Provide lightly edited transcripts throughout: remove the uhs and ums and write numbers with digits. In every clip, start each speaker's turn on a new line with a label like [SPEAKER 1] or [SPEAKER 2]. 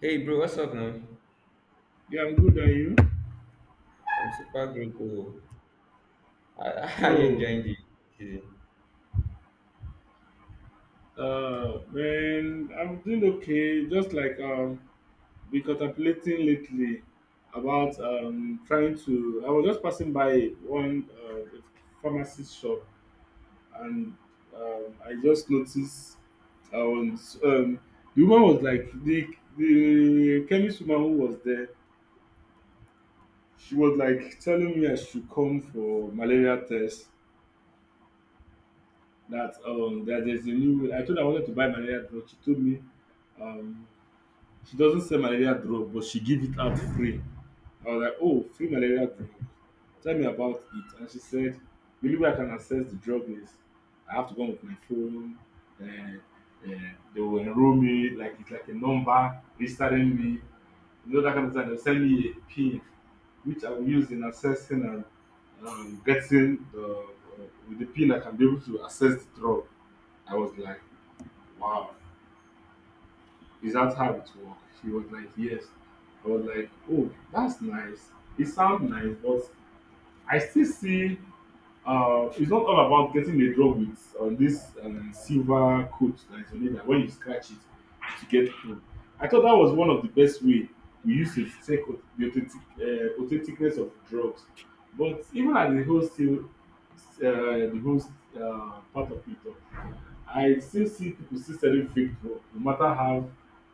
[SPEAKER 1] Hey bro, what's up, man?
[SPEAKER 2] Yeah, I'm good. And you?
[SPEAKER 1] I'm super grateful. I, I
[SPEAKER 2] Oh,
[SPEAKER 1] enjoying the season.
[SPEAKER 2] Man, I'm doing okay. Just like been contemplating lately about trying to. I was just passing by one pharmacy shop, and I just noticed I was the woman was like the chemist woman who was there. She was like telling me I should come for malaria test that that there's a new I told her I wanted to buy malaria drug. She told me um she doesn't sell malaria drug, but she give it out free. I was like, oh, free malaria drug. Tell me about it. And she said, believe only I can access the drug is I have to go on with my phone. And, and they will enroll me, like it's like a number registering me. That kind of thing. They'll send me a pin, which I will use in accessing and getting the, uh, with the pin I can be able to access the drug. I was like, wow. Is that how it works? She was like, yes. I was like, oh, that's nice. It sounds nice, but I still see it's not all about getting a drug with this silver coat that is on it that when you scratch it, it will get through. I thought that was one of the best way we used to check the authentic, authenticness of drugs. But even at the whole still, the whole part of it, I still see people still selling fake drug no matter how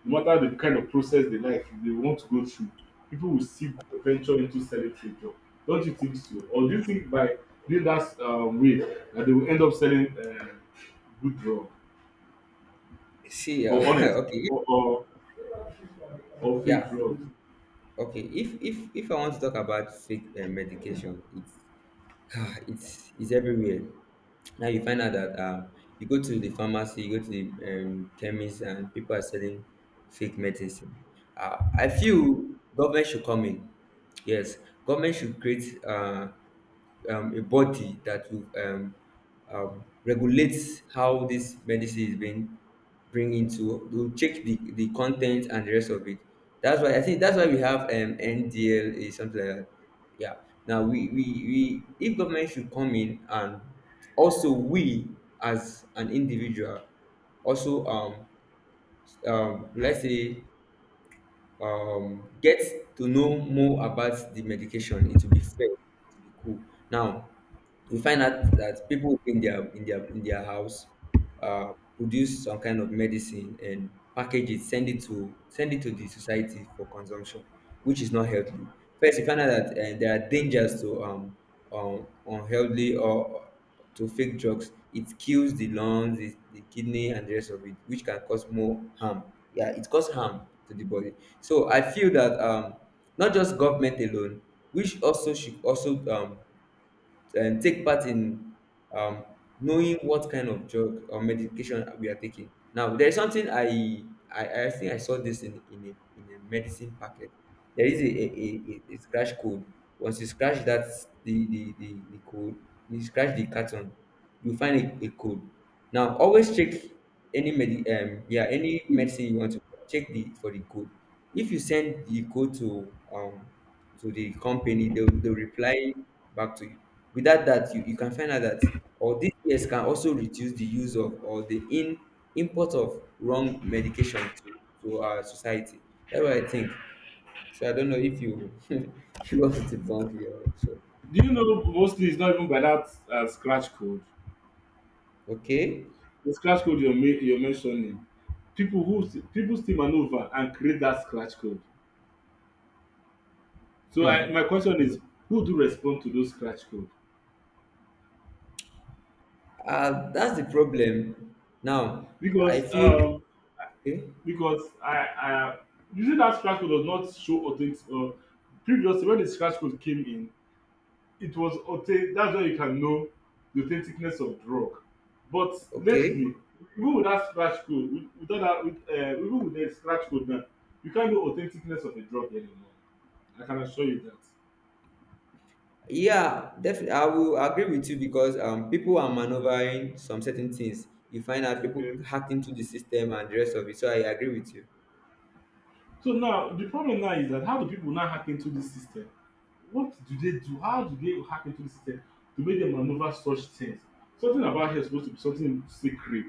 [SPEAKER 2] no matter the kind of process they like they want to go through people will still venture into selling fake drug. Don't you think so? Or do you think by doing that way that they will end up selling good drug
[SPEAKER 1] See,
[SPEAKER 2] or honest
[SPEAKER 1] okay,
[SPEAKER 2] or or fake
[SPEAKER 1] yeah,
[SPEAKER 2] drugs?
[SPEAKER 1] okay. If I want to talk about fake medication, it's it's everywhere. Now you find out that you go to the pharmacy, you go to the chemist, and people are selling fake medicine. I feel government should come in. Yes, government should create a body that will regulate how this medicine is being bring into to check the content and the rest of it. That's why I think that's why we have NDLA, something like that. Yeah. Now we if government should come in, and also we, as an individual, also let's say get to know more about the medication, it will be fair, it will be cool. Now you find out that people in their house produce some kind of medicine and package it, send it to the society for consumption, which is not healthy. First you find out that there are dangers to unhealthy or to fake drugs. It kills the lungs, the kidney, and the rest of it, which can cause more harm. Yeah, it causes harm to the body. So I feel that not just government alone, which also should also take part in um, knowing what kind of drug or medication we are taking. Now, there is something I think I saw this in a medicine packet. There is a scratch code. Once you scratch that the code, you scratch the carton, you find a code. Now, always check any medicine you want to check the for the code. If you send the code to the company, they'll reply back to you. Without that, you can find out that, or these years can also reduce the use of or the in import of wrong medication to our society. That's what I think. So I don't know if you if you want to debunk me or so.
[SPEAKER 2] Do you know mostly it's not even by that scratch code?
[SPEAKER 1] Okay.
[SPEAKER 2] The scratch code you're mentioning, people still maneuver and create that scratch code. So I,
[SPEAKER 1] Hmm.
[SPEAKER 2] my question is, who do respond to those scratch code?
[SPEAKER 1] That's the problem. Now I
[SPEAKER 2] Because
[SPEAKER 1] feel
[SPEAKER 2] um,
[SPEAKER 1] okay.
[SPEAKER 2] because I usually that scratch code does not show authentic. Previously, when the scratch code came in, it was authentic. That's where you can know the authenticness of drug. But
[SPEAKER 1] Okay.
[SPEAKER 2] lately, even with that scratch code, without that, even with the scratch code now, you can't know authenticness of a drug anymore. I can assure you that.
[SPEAKER 1] Yeah, definitely. I will agree with you because people are maneuvering some certain things. You find out people
[SPEAKER 2] Okay.
[SPEAKER 1] hacked into the system and the rest of it. So I agree with you.
[SPEAKER 2] So now the problem now is that how do people now hack into this system? What do they do? How do they hack into the system to make them maneuver such things? Something about here is supposed to be something secret.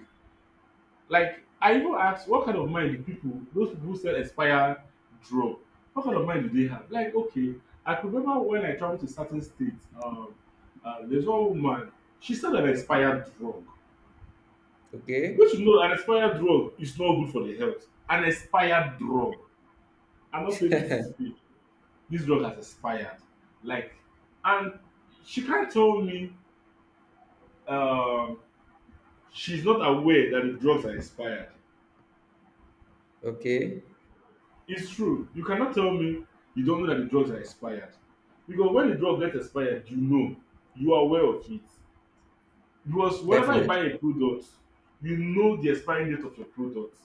[SPEAKER 2] Like I even asked, what kind of mind do people, those people who sell expired drug, what kind of mind do they have? Like okay, I could remember when I traveled to certain states, there's one woman, she sold an expired drug.
[SPEAKER 1] Okay,
[SPEAKER 2] Which you know, an expired drug is not good for the health. An expired drug. I'm not saying this is fake. This drug has expired. Like, and she can't tell me um, she's not aware that the drugs are expired.
[SPEAKER 1] okay,
[SPEAKER 2] It's true. You cannot tell me you don't know that the drugs are expired. Because when the drug gets expired, you know. You are aware of it. Because whenever you buy
[SPEAKER 1] definitely.
[SPEAKER 2] a product, you know the expiring date of your product.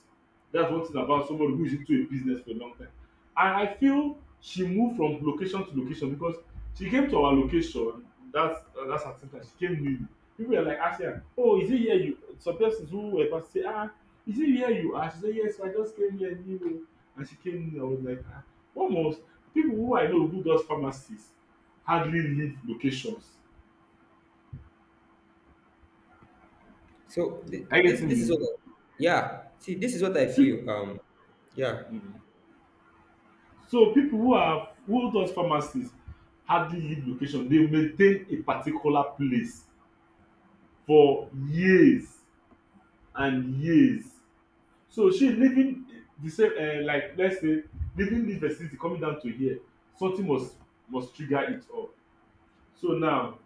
[SPEAKER 2] That's one thing about somebody who is into a business for a long time. And I feel she moved from location to location because she came to our location. That's her center. She came newly. People were like asking her, "Oh, is it here you?" Some persons who were past say, "Ah, is it here you are?" She said, "Yes, I just came here new." And she came in, I was like, ah, almost people who I know who does pharmacies hardly leave locations.
[SPEAKER 1] So th-
[SPEAKER 2] Are you
[SPEAKER 1] this this is what
[SPEAKER 2] getting
[SPEAKER 1] I, yeah. See, this is what I feel. Yeah.
[SPEAKER 2] me? So people who are who does pharmacy hardly leave location. They maintain a particular place for years and years. So shey leaving the same like let's say leaving this vicinity coming down to here something must trigger it up. So now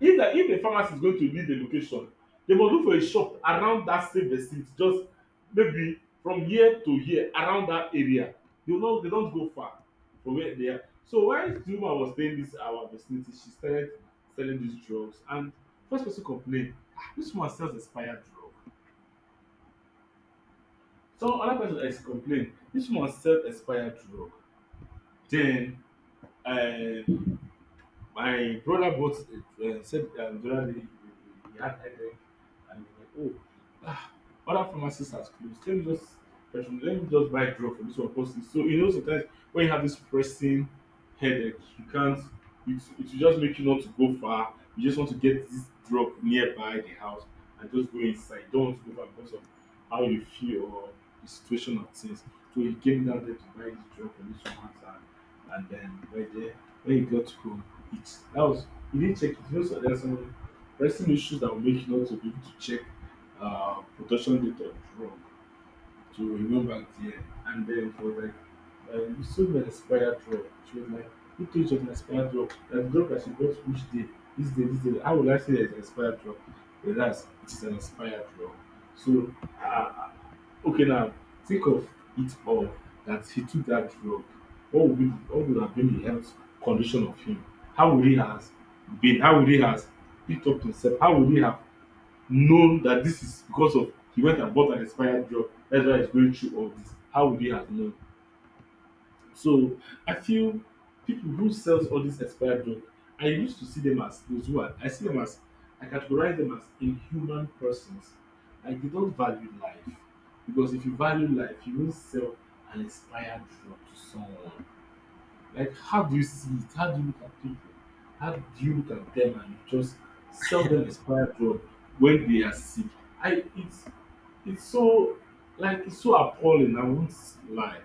[SPEAKER 2] if the pharmacy is going to leave a location, they must look for a shop around that same vicinity, just maybe from here to here around that area. They no they don't go far from where they are. So while the woman was staying this our vicinity, she started selling these drugs, and first person complain, ah, this woman sells expired drug. So another person ex complain this woman sell expired drug. Then um my brother bought said the other day he had headache. And you're like, oh, ah, order from my sister's. Let me just person, let me just buy drug from this one person. So you know sometimes when you have this pressing headache, you can't it will just make you not to go far. You just want to get this drug nearby the house and just go inside. You don't want to go back because of how you feel or the situation of things. So he came down there to buy this drug from this woman's hand, and then right there when he got home, it that was he didn't check it. You know, so there's some pressing issues that will make you not to be able to check production data from to remember the year. And then for like, you sold an expired drug. She was like, who told you of an expired drug? That drug that she got which day? This day, this day. How will I say there's an expired drug? Whereas it is an expired drug. So, uh, okay, now think of it all that he took that drug. What would have been the health condition of him? How would he has been? How would he has picked up himself? How would he have known that this is because of he went and bought an expired drug. That's why he's going through all this. How would he have known? So I feel people who sells all these expired drugs, I used to see them as those who are. I see them as I categorize them as inhuman persons. Like they don't value life, because if you value life, you won't sell an expired drug to someone. Like, how do you see it? How do you look at people? How do you look at them and just sell them expired drug when they are sick? I it's so like it's so appalling. I won't lie.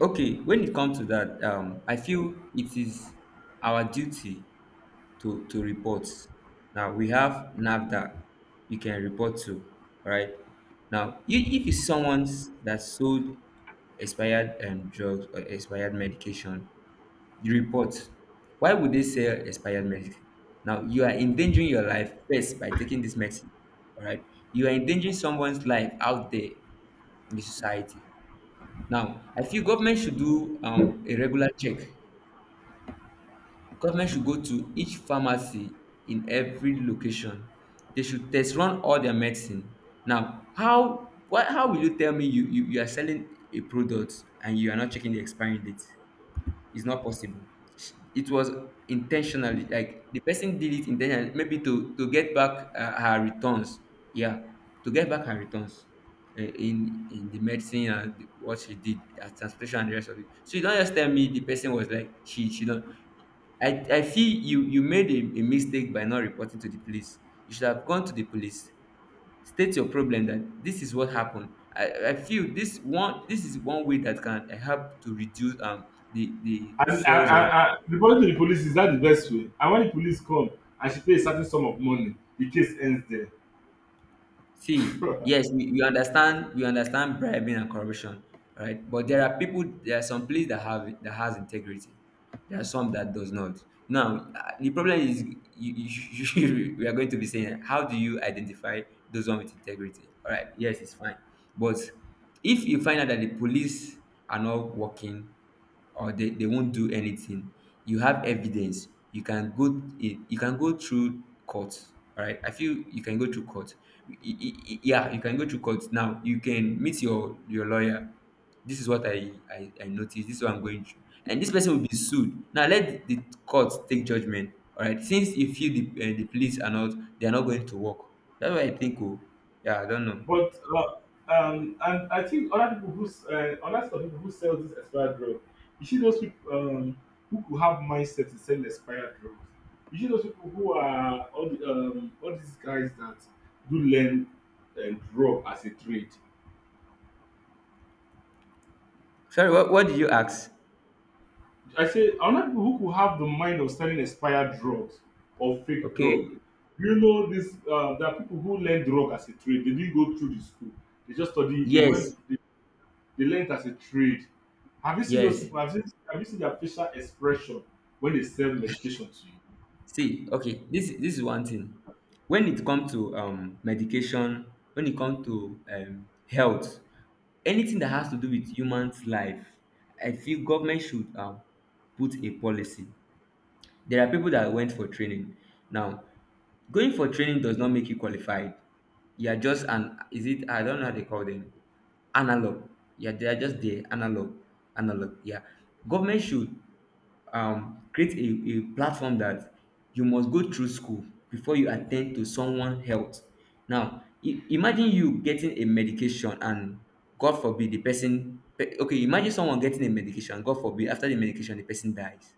[SPEAKER 1] Okay, when it comes to that, I feel it is our duty to report. Now we have NAFDAC you can report to, right? Now, if you, someone that sold expired drugs or expired medication, you report. Why would they sell expired medicine? Now, you are endangering your life first by taking this medicine, all right? You are endangering someone's life out there in the society. Now, I feel government should do a regular check. Government should go to each pharmacy in every location. They should test run all their medicine. Now, how What? How will you tell me you are selling a product and you are not checking the expiry date? It's not possible. It was intentionally, like the person did it intentionally, maybe to get back her returns. Yeah, to get back her returns in the medicine and what she did, at transportation and the rest of it. So you don't just tell me the person was like she don't. I feel you made a mistake by not reporting to the police. You should have gone to the police, state your problem that this is what happened. I feel this one, this is one way that can help to reduce the
[SPEAKER 2] And
[SPEAKER 1] sales of.
[SPEAKER 2] reporting to the police is that the best way? And when the police come, I should pay a certain sum of money. The case ends there.
[SPEAKER 1] See, yes, we understand, we understand bribing and corruption, right? But there are people, there are some place that has integrity, there are some that does not. Now the problem is we are going to be saying, how do you identify those one with integrity? All right, yes, it's fine. But if you find out that the police are not working, or they won't do anything, you have evidence, you can go through court. All right, I feel you can go through court. Y- y- yeah, you can go through court. Now you can meet your lawyer. This is what I noticed, this is what I'm going through, and this person will be sued. Now let the court take judgment, all right, since you feel the police are not, they are not going to work. That's what I think. Oh, yeah, I don't know.
[SPEAKER 2] But and I think other people other sort of people who sell this expired drug, you see those people who could have mindset to sell expired drugs. You see those people who are all the, all these guys that do learn drug as a trade.
[SPEAKER 1] Sorry, what did you ask?
[SPEAKER 2] I say other people who could have the mind of selling expired drugs or fake drug.
[SPEAKER 1] Okay,
[SPEAKER 2] You know this there are people who learn drug as a trade. They didn't go through the school. They just study. They went.
[SPEAKER 1] yes,
[SPEAKER 2] They learn it as a trade. Have you seen those
[SPEAKER 1] yes.
[SPEAKER 2] people? Have you seen their facial expression when they sell medication to you?
[SPEAKER 1] See, okay, this is one thing. When it comes to medication, when it comes to health, anything that has
[SPEAKER 2] Mm.
[SPEAKER 1] to do with humans' life, I feel government should put a policy. There are people that went for training. Now, going for training does not make you qualified. You are just an, is it, I don't know how they call them, analog. Yeah, they are just there, analog, analog. Yeah, government should create a platform that you must go through school before you attend to someone health. Now imagine you getting a medication, and god forbid the person imagine someone getting a medication, god forbid, after the medication the person dies.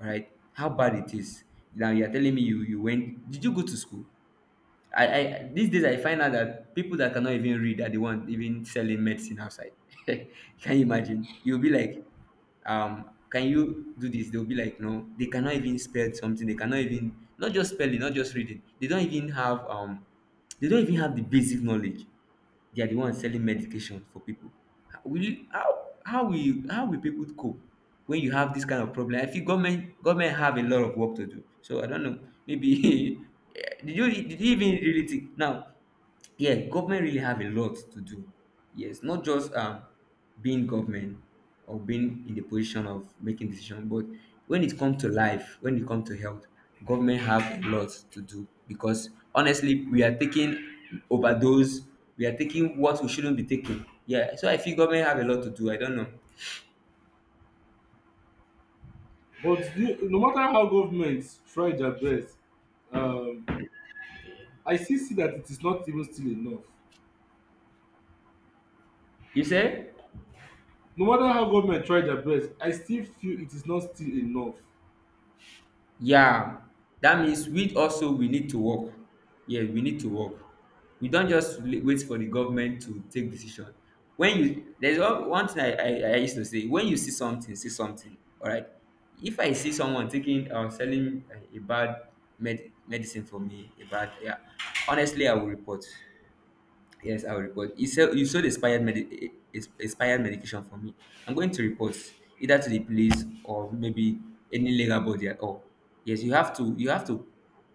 [SPEAKER 1] All right, how bad it is. Now you're telling me, you went did you go to school? I These days, I find out that people that cannot even read are the ones even selling medicine outside. Can you imagine? You'll be like, can you do this? They'll be like, no, they cannot even spell something. They cannot even, not just spelling, not just reading, they don't even have the basic knowledge. They are the ones selling medication for people. How will you how how will people cope when you have this kind of problem? I feel government have a lot of work to do. So I don't know, maybe eh, did you even really think? Now, yeah, government really have a lot to do. Yes, not just being government or being in the position of making decision, but when it comes to life, when it comes to health, government have a lot to do, because honestly we are taking overdose, we are taking what we shouldn't be taking. Yeah, so I feel government have a lot to do. I don't know.
[SPEAKER 2] But you, no matter how governments try their best, um, I still see that it is not even still enough.
[SPEAKER 1] You say?
[SPEAKER 2] No matter how government try their best, I still feel it is not still enough.
[SPEAKER 1] Yeah, that means we need to work. Yeah, we need to work. We don't just wait for the government to take decision. When you There's one thing I used to say: when you see something, say something. All right. If I see someone taking or selling a bad medicine for me, a bad, yeah, honestly I will report. Yes, I'll report. You sold expired expired medication for me. I'm going to report either to the police or maybe any legal body at all. Yes, you have to you have to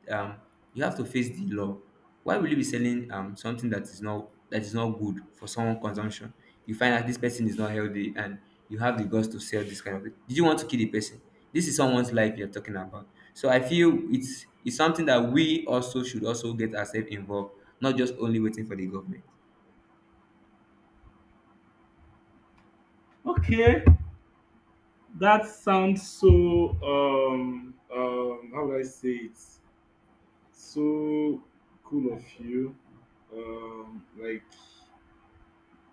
[SPEAKER 1] um you have to face the law. Why will you be selling something that is not good for someone consumption? You find out this person is not healthy, and you have the guts to sell this kind of thing. Did you want to kill the person? This is someone's life you're talking about. So I feel it's something that we also should also get ourselves involved, not just only waiting for the government.
[SPEAKER 2] Okay, that sounds so how would I say it? So cool of you. Like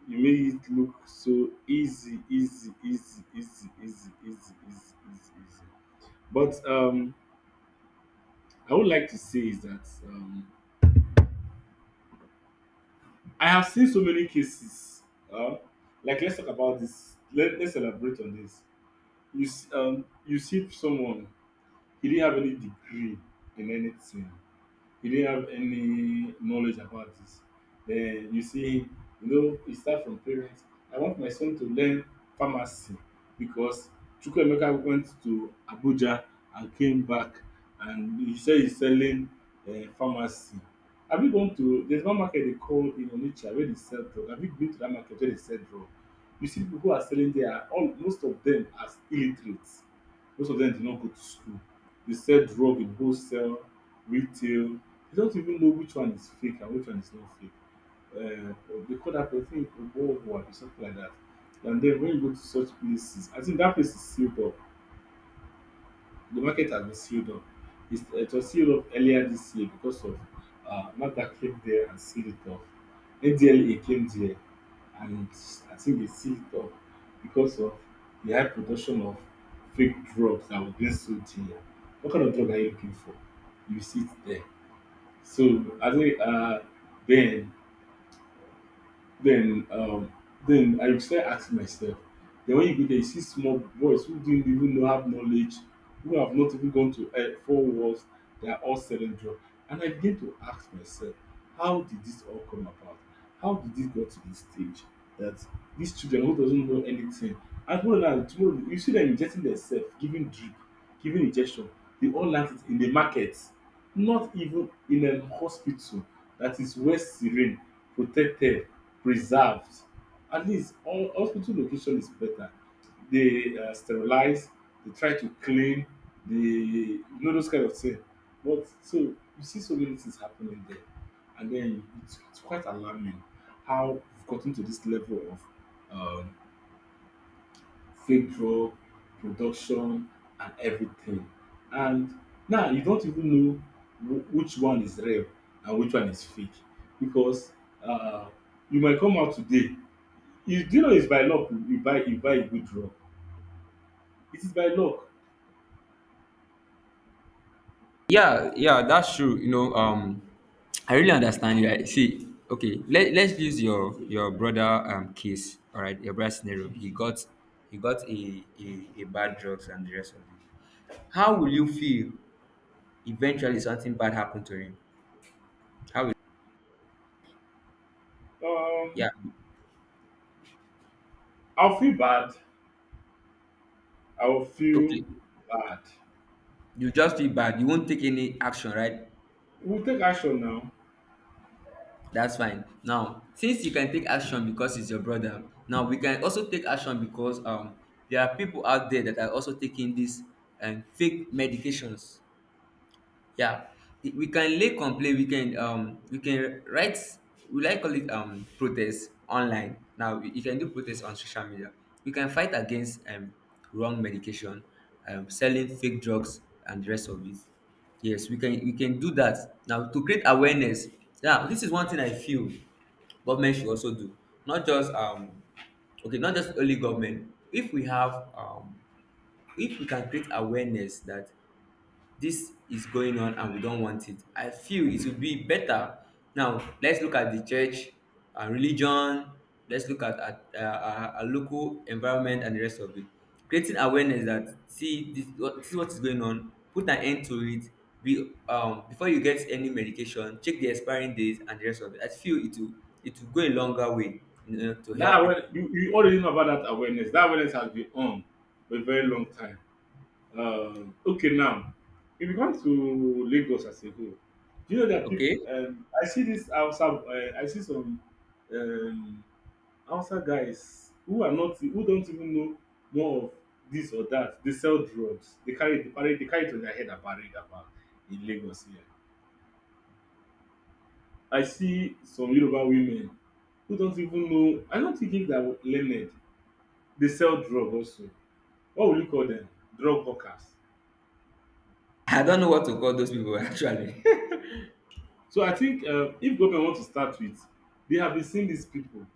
[SPEAKER 2] you made it look so easy, easy, easy, easy, easy, easy, easy, easy, easy. But I would like to say is that I have seen so many cases. Uh, like let's talk about this. Let's elaborate on this. You see someone, he didn't have any degree in anything. He didn't have any knowledge about this. Then you see him, you know, it start from parents. I want my son to learn pharmacy because Chukwemeka went to Abuja and came back and he said he's selling pharmacy. Have you gone to there's one market they call in Onitsha where they sell drug? Have you been to that market where they sell drug? You see people who are selling there are all most of them are illiterates. Most of them did not go to school. They sell drug in wholesale, retail, you don't even know which one is fake and which one is not fake. Uh, they call that person Oboho or something like that. And then when you go to such places, I think that place is sealed up. The market has been sealed up. It was sealed up earlier this year because of NAFDAC came there and sealed it up. NDLA came there, and I think they sealed it up because of the high production of fake drugs that were being sold here. What kind of drug are you looking for? You see it there. So I think then then um, then I start asking myself. Then when you go there, you see small boys who didn't even know have knowledge, who have not even gone to four walls. They are all selling drugs, and I begin to ask myself, how did this all come about? How did this go to this stage that these children who doesn't know anything, and tomorrow now tomorrow you see them injecting themselves, giving drip, giving injection. They all learn it in the market, not even in a hospital that is well serene, protected, preserved. At least all hospital location is better. They sterilize, they try to clean, they you know those kind of thing. But so you see so many things happening there, and then it's quite alarming how we've gotten to this level of um, fake draw, production, and everything. And now you don't even know which one is real and which one is fake because uh, you might come out today. You do you know it's by luck you buy a good draw. It is by luck.
[SPEAKER 1] Yeah, yeah, that's true. You know, I really understand you. I see. Okay, let's use your brother case. All right, your brother scenario. He got a bad drugs and the rest of it. How will you feel, eventually something bad happened to him? How will, yeah.
[SPEAKER 2] Um, I'll feel bad. I will feel
[SPEAKER 1] Okay,
[SPEAKER 2] bad.
[SPEAKER 1] you just feel bad. You won't take any action, right?
[SPEAKER 2] We'll take action now.
[SPEAKER 1] That's fine. Now, since you can take action because it's your brother, now we can also take action, because there are people out there that are also taking these and fake medications. Yeah, we can lay complaint. We can we can write, we like call it protest online. Now you can do protest on social media. We can fight against wrong medication, selling fake drugs and the rest of it. Yes, we can do that now to create awareness. Yeah, this is one thing I feel government should also do, not just okay, not just only government. If we have if we can create awareness that this is going on and we don't want it, I feel it would be better. Now let's look at the church, religion. Let's look at our local environment and the rest of it. Creating awareness that, see this is what is going on. Put an end to it. Be before you get any medication, check the expiring dates and the rest of it. I feel it will, it will go a longer way, to
[SPEAKER 2] That
[SPEAKER 1] help people.
[SPEAKER 2] awareness, you already know about that awareness. That awareness has been on for a very long time. Okay, now if you come to Lagos as a whole, do you know that people?
[SPEAKER 1] Okay,
[SPEAKER 2] I see this outside. I see some um, outside guys who are not, who don't even know more of this or that. They sell drugs. They carry it on their head and parade about in Lagos here. I see some Yoruba women who don't even know. I don't think they are learned. They sell drug also. What will you call them? Drug hawkers.
[SPEAKER 1] I don't know what to call those people actually.
[SPEAKER 2] So I think if government want to start with, they have been seeing these people,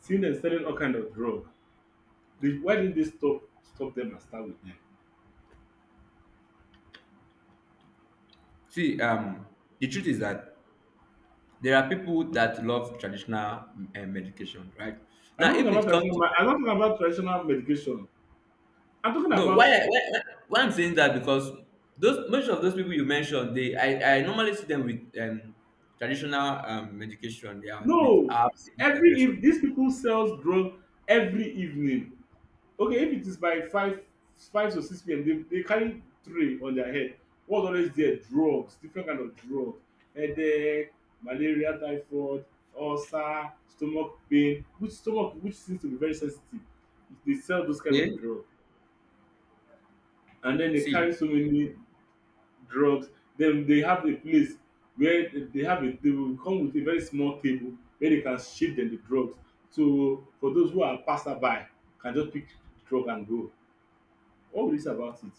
[SPEAKER 2] seeing them selling all kind of drug. They, why didn't they stop them and start with them?
[SPEAKER 1] see the truth is that there are people that love traditional medication, right?
[SPEAKER 2] I'm
[SPEAKER 1] Now,
[SPEAKER 2] not talking
[SPEAKER 1] if
[SPEAKER 2] about
[SPEAKER 1] it comes
[SPEAKER 2] traditional.
[SPEAKER 1] to—
[SPEAKER 2] I'm not talking about traditional medication. I'm talking
[SPEAKER 1] no,
[SPEAKER 2] about
[SPEAKER 1] why, why I'm saying that, because those most of those people you mentioned, I normally see them with traditional medication. They are with
[SPEAKER 2] no.
[SPEAKER 1] apps with and the
[SPEAKER 2] Every,
[SPEAKER 1] rest of
[SPEAKER 2] if
[SPEAKER 1] it.
[SPEAKER 2] these people sells drug every evening, okay, if it is by five to six pm, they carry tray on their head. What, always there, drugs, different kind of drug: headache, malaria, typhoid, ulcer, stomach pain, which seems to be very sensitive. They sell those kind of
[SPEAKER 1] Okay,
[SPEAKER 2] drug, and then they carry
[SPEAKER 1] see
[SPEAKER 2] so many drugs. Then they have a place where they will come with a very small table where they can shift them the drugs, so for those who are passerby can just pick the drug and go. What will you say about it?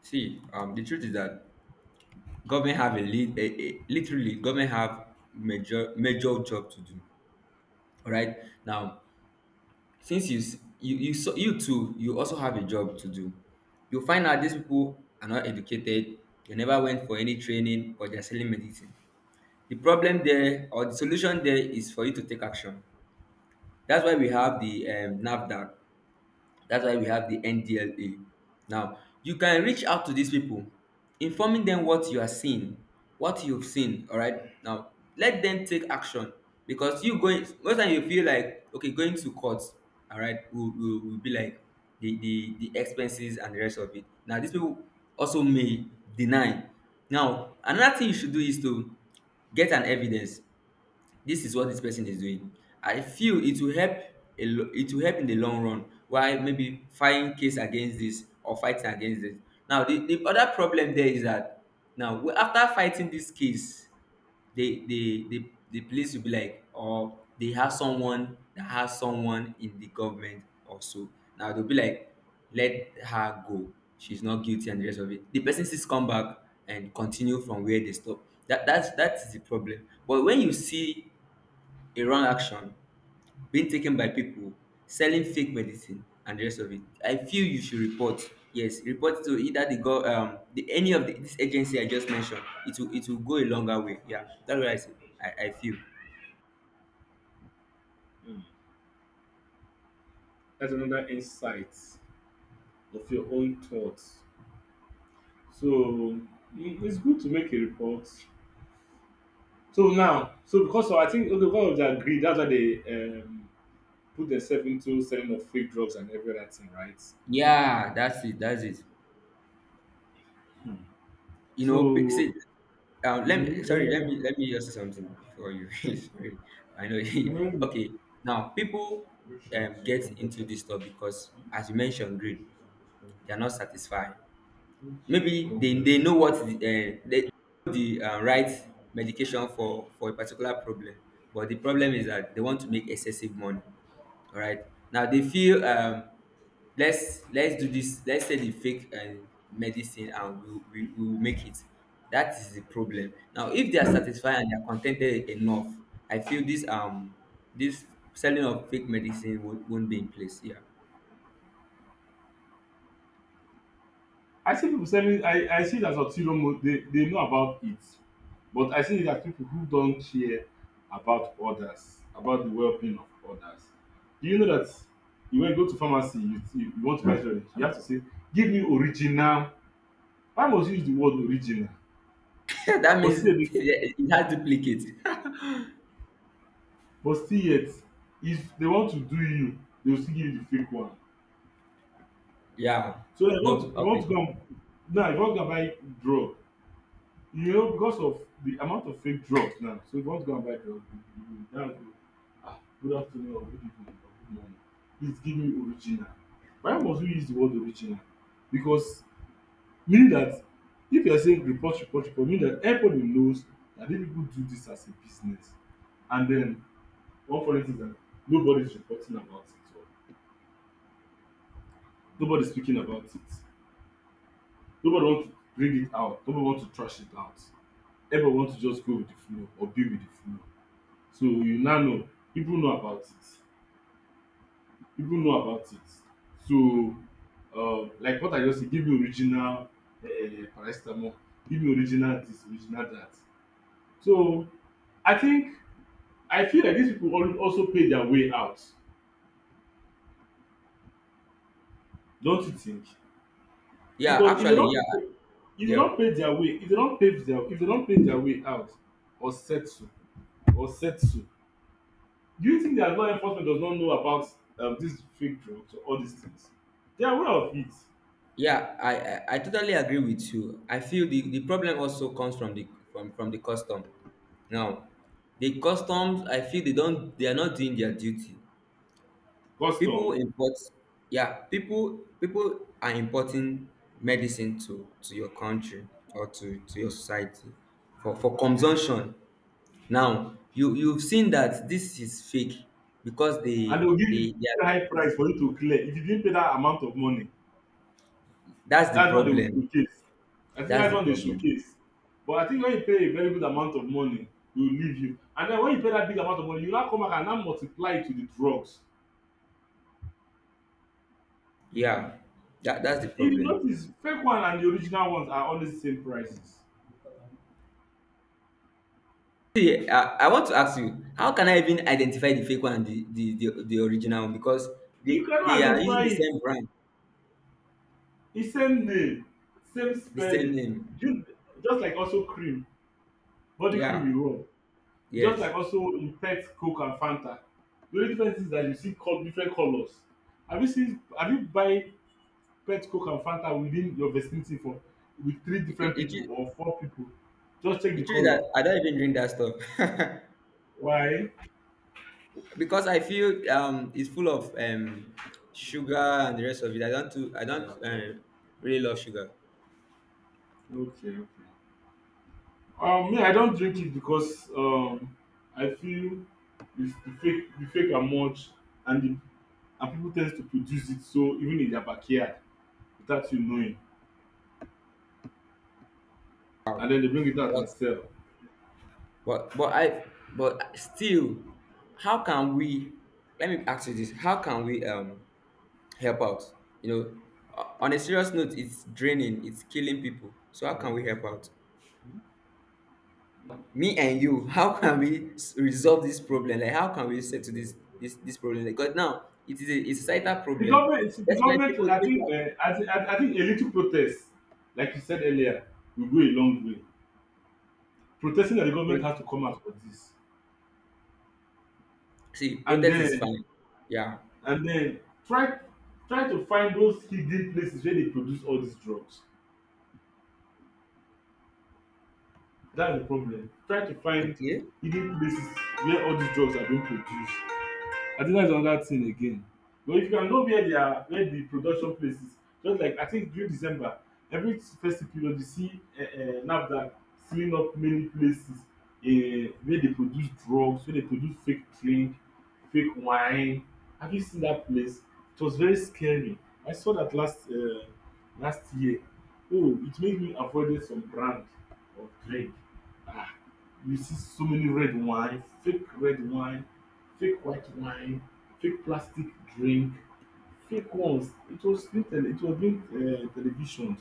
[SPEAKER 1] see the truth is that government have a lead a, literally government have major job to do. All right, now, since you s- you, so, you also have a job to do. You find out these people are not educated, they never went for any training, but they're selling medicine. The problem there or the solution there is for you to take action. That's why we have the NAFDAC. That's why we have the NDLA. Now, you can reach out to these people, informing them what you are seeing, what you've seen. All right. Now, let them take action, because you going, most time you feel like, okay, going to court. All right, will be like the expenses and the rest of it. Now, these people also may deny. Now, another thing you should do is to get an evidence, this is what this person is doing. I feel it will help, it will help in the long run, while maybe fighting case against this or fighting against it. Now, the other problem there is that, now, after fighting this case, the police will be like, or they have someone that has someone in the government also. Now they'll be like, let her go, she's not guilty and the rest of it, the person still come back and continue from where they stop. That's the problem. But when you see a wrong action being taken by people selling fake medicine and the rest of it, I feel you should report. Yes, report to either the go the any of this agency I just mentioned. It will, it will go a longer way, yeah. That's what I say, I feel.
[SPEAKER 2] Mm. That's another insight of your own thoughts. So I- it's good to make a report. So now, so because of, I think okay, because of their greed, that's why they put themselves into selling of fake drugs and every other thing, right?
[SPEAKER 1] Yeah, that's it, that's it.
[SPEAKER 2] Hmm.
[SPEAKER 1] You know, see,
[SPEAKER 2] So,
[SPEAKER 1] let me— sorry, let
[SPEAKER 2] mm,
[SPEAKER 1] me let me just say something before you sorry. I know.
[SPEAKER 2] Mm.
[SPEAKER 1] Okay. Now, people get into this stuff because, as you mentioned, greed. They are not satisfied. Maybe they know they know the right medication for a particular problem. But the problem is that they want to make excessive money. All right, now they feel let's do this, let's say the fake medicine, and we will make it. That is the problem. Now, if they are satisfied and they are contented enough, I feel this this selling of fake medicine won't be in place, yeah.
[SPEAKER 2] I see people selling. I see it as ulterior mo they know about it, but I see it as people who don't care about others, about the well-being of others. Do you know that you when you go to pharmacy, you want to buy insurance, you have to say, "Give me original." Why must you use the word original?
[SPEAKER 1] That
[SPEAKER 2] But still,
[SPEAKER 1] means
[SPEAKER 2] they-
[SPEAKER 1] it has duplicates.
[SPEAKER 2] but still yet, if they want to do you, they will still give you the fake one.
[SPEAKER 1] Yeah.
[SPEAKER 2] So you want
[SPEAKER 1] No.
[SPEAKER 2] to you want
[SPEAKER 1] Okay.
[SPEAKER 2] to come now. If you want to go and buy drug, you know, because of the amount of fake drugs now, so if you want to go and buy drugs, you will now go, ah, good afternoon or good evening or good morning. Please give me original. Why must we use the word original? Because meaning that if you are saying report, report, report, mean that everybody knows that these people do this as a business. And then one funny thing is that nobody's reporting about it or nobody's speaking about it. Nobody wants to bring it out. Nobody wants to trash it out. Everybody wants to just go with the flow or be with the flow. So you now know people know about it, people know about it. So like what I just say, give me original paracetamol, give me original this, original that. So I think I feel like these people al also pay their way out, don't you think?
[SPEAKER 1] Yeah,
[SPEAKER 2] Because
[SPEAKER 1] actually, yeah, yeah,
[SPEAKER 2] if they not pay their way out or settle, do you think that law enforcement does not know about this fake drugs or all these things? They are aware of it.
[SPEAKER 1] yeah. I totally agree with you. I feel the problem also comes from the, from the custom. Now, the customs, I feel they are not doing their duty. People
[SPEAKER 2] Custom,
[SPEAKER 1] import, yeah, people are importing medicine to your country, or to your society for consumption. Now, you've seen that this is fake, because
[SPEAKER 2] and they will give you
[SPEAKER 1] they
[SPEAKER 2] very
[SPEAKER 1] are—
[SPEAKER 2] high price for you to clear if you didn't pay that amount of money.
[SPEAKER 1] that's the
[SPEAKER 2] That's when they will
[SPEAKER 1] problem.
[SPEAKER 2] showcase. I think
[SPEAKER 1] That's
[SPEAKER 2] that's
[SPEAKER 1] the
[SPEAKER 2] when they
[SPEAKER 1] problem.
[SPEAKER 2] showcase. But I think when you pay a very good amount of money, they will leave you, and then when you pay that big amount of money, you now come back and now multiply it with the drugs.
[SPEAKER 1] Yeah, that's the
[SPEAKER 2] If you
[SPEAKER 1] problem.
[SPEAKER 2] notice, fake one and the original ones are always the same prices.
[SPEAKER 1] See, I want to ask you, how can I even identify the fake one and the original one? Because
[SPEAKER 2] You cannot
[SPEAKER 1] they are using
[SPEAKER 2] identify
[SPEAKER 1] the
[SPEAKER 2] it,
[SPEAKER 1] same brand,
[SPEAKER 2] e same name, same
[SPEAKER 1] the same
[SPEAKER 2] spelling,
[SPEAKER 1] name.
[SPEAKER 2] just just like also cream, body cream
[SPEAKER 1] Yeah,
[SPEAKER 2] you rub. Just
[SPEAKER 1] yes.
[SPEAKER 2] like also in pet Coke and Fanta. The only difference is that you see different colors. Have you seen, have you buy pet Coke and Fanta within your vicinity for with three
[SPEAKER 1] The, the-
[SPEAKER 2] different
[SPEAKER 1] the
[SPEAKER 2] people
[SPEAKER 1] tru-
[SPEAKER 2] or four people? Just check
[SPEAKER 1] the
[SPEAKER 2] the
[SPEAKER 1] truth is
[SPEAKER 2] color.
[SPEAKER 1] that I don't even drink that stuff.
[SPEAKER 2] Why?
[SPEAKER 1] Because I feel it's full of sugar and the rest of it. I don't really love sugar.
[SPEAKER 2] Okay, okay. Me, I don't drink it because I feel it's the fake are much, and the, and people tend to produce it so even in their backyard without you knowing, and then they bring it out
[SPEAKER 1] But
[SPEAKER 2] and sell.
[SPEAKER 1] but I but still, how can we? Let me ask you this: how can we help out. You know, on a serious note, it's draining, it's killing people. So how can we help out? Me and you, how can we resolve this problem? Like, how can we settle this problem? Like, because now it's a societal
[SPEAKER 2] The
[SPEAKER 1] problem.
[SPEAKER 2] government,
[SPEAKER 1] That's why people,
[SPEAKER 2] I think,
[SPEAKER 1] people
[SPEAKER 2] I think a little protest, like you said earlier, will go a long way. Protesting that the government
[SPEAKER 1] pro-
[SPEAKER 2] has to come out for this,
[SPEAKER 1] See,
[SPEAKER 2] and
[SPEAKER 1] protest is
[SPEAKER 2] then
[SPEAKER 1] fine. Yeah.
[SPEAKER 2] and then try try to find those hidden places where they produce all these drugs. That's the problem. Try to find
[SPEAKER 1] Okay.
[SPEAKER 2] hidden places where all these drugs are being produced. I think that's another thing again. But if you can know where they are, where the production places, just like I think during December, every festive period you see NAFDAC sealing up many places where they produce drugs, where they produce fake drink, fake wine. Have you seen that place? It was very scary. I saw that last year. Oh, it made me avoid some brand of drink. Ah, you see so many red wine, fake white wine, fake plastic drink, fake ones. It was being televisioned,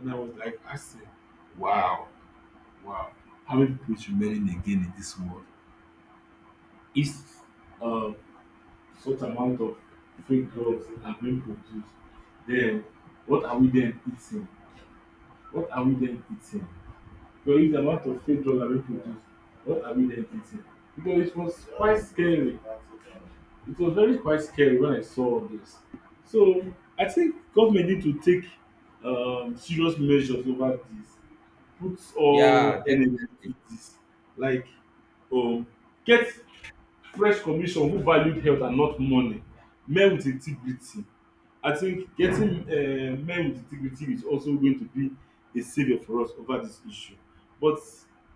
[SPEAKER 2] and I was like asking, wow, wow, how many people is remaining again in this world? Is uh, such amount of fake drugs are being produced, then what are we then eating? What are we then eating? But it's the amount of fake drugs that we produce. What are we then eating? Because it was quite scary. It was very quite scary when I saw all this. So I think government need to take serious measures over this. Put all
[SPEAKER 1] Yeah,
[SPEAKER 2] energy
[SPEAKER 1] definitely.
[SPEAKER 2] into this. Like, um, get fresh commission who valued health and not money, men with integrity. I think getting men with integrity is also going to be a savior for us over this issue. But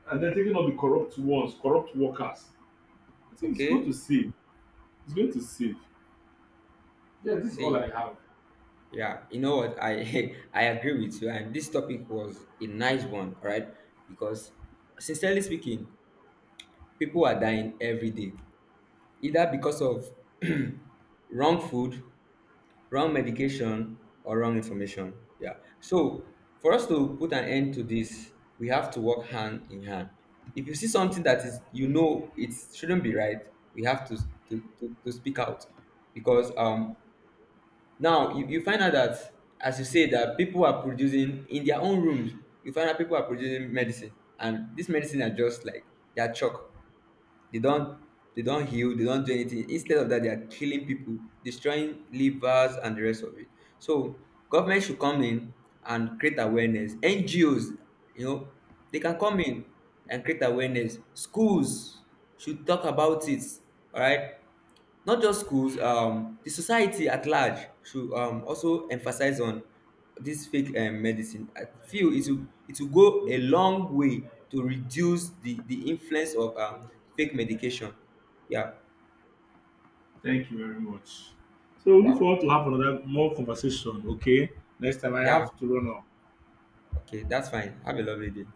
[SPEAKER 2] and then taking up the corrupt ones, corrupt workers, I think it's going to
[SPEAKER 1] Okay.
[SPEAKER 2] save it's going to save Yeah, this is all I
[SPEAKER 1] See,
[SPEAKER 2] have.
[SPEAKER 1] yeah, you know what? I I agree with you, and this topic was a nice one, all right? Because, sincerely speaking, people are dying every day, either because of wrong food, wrong medication, or wrong information. Yeah. So for us to put an end to this, we have to work hand in hand. If you see something that is, you know, it shouldn't be right, we have to to speak out because now you find out that, as you say, that people are producing in their own rooms. You find out people are producing medicine, and this medicine are just like, they are chalk. they don't they don't heal, they don't do anything. Instead of that, they are killing people, destroying livers and the rest of it. So government should come in and create awareness. NGOs, you know they can come in and create awareness. Schools should talk about it. All right. Not just schools, the society at large should also emphasize on this fake medicine. I feel it will go a long way to reduce the influence of fake medication. Yeah,
[SPEAKER 2] Thank you very much. So we look
[SPEAKER 1] wow.
[SPEAKER 2] forward to have another more conversation, okay? Next time I
[SPEAKER 1] Yeah,
[SPEAKER 2] have to run up.
[SPEAKER 1] okay, that's fine. Have a lovely day.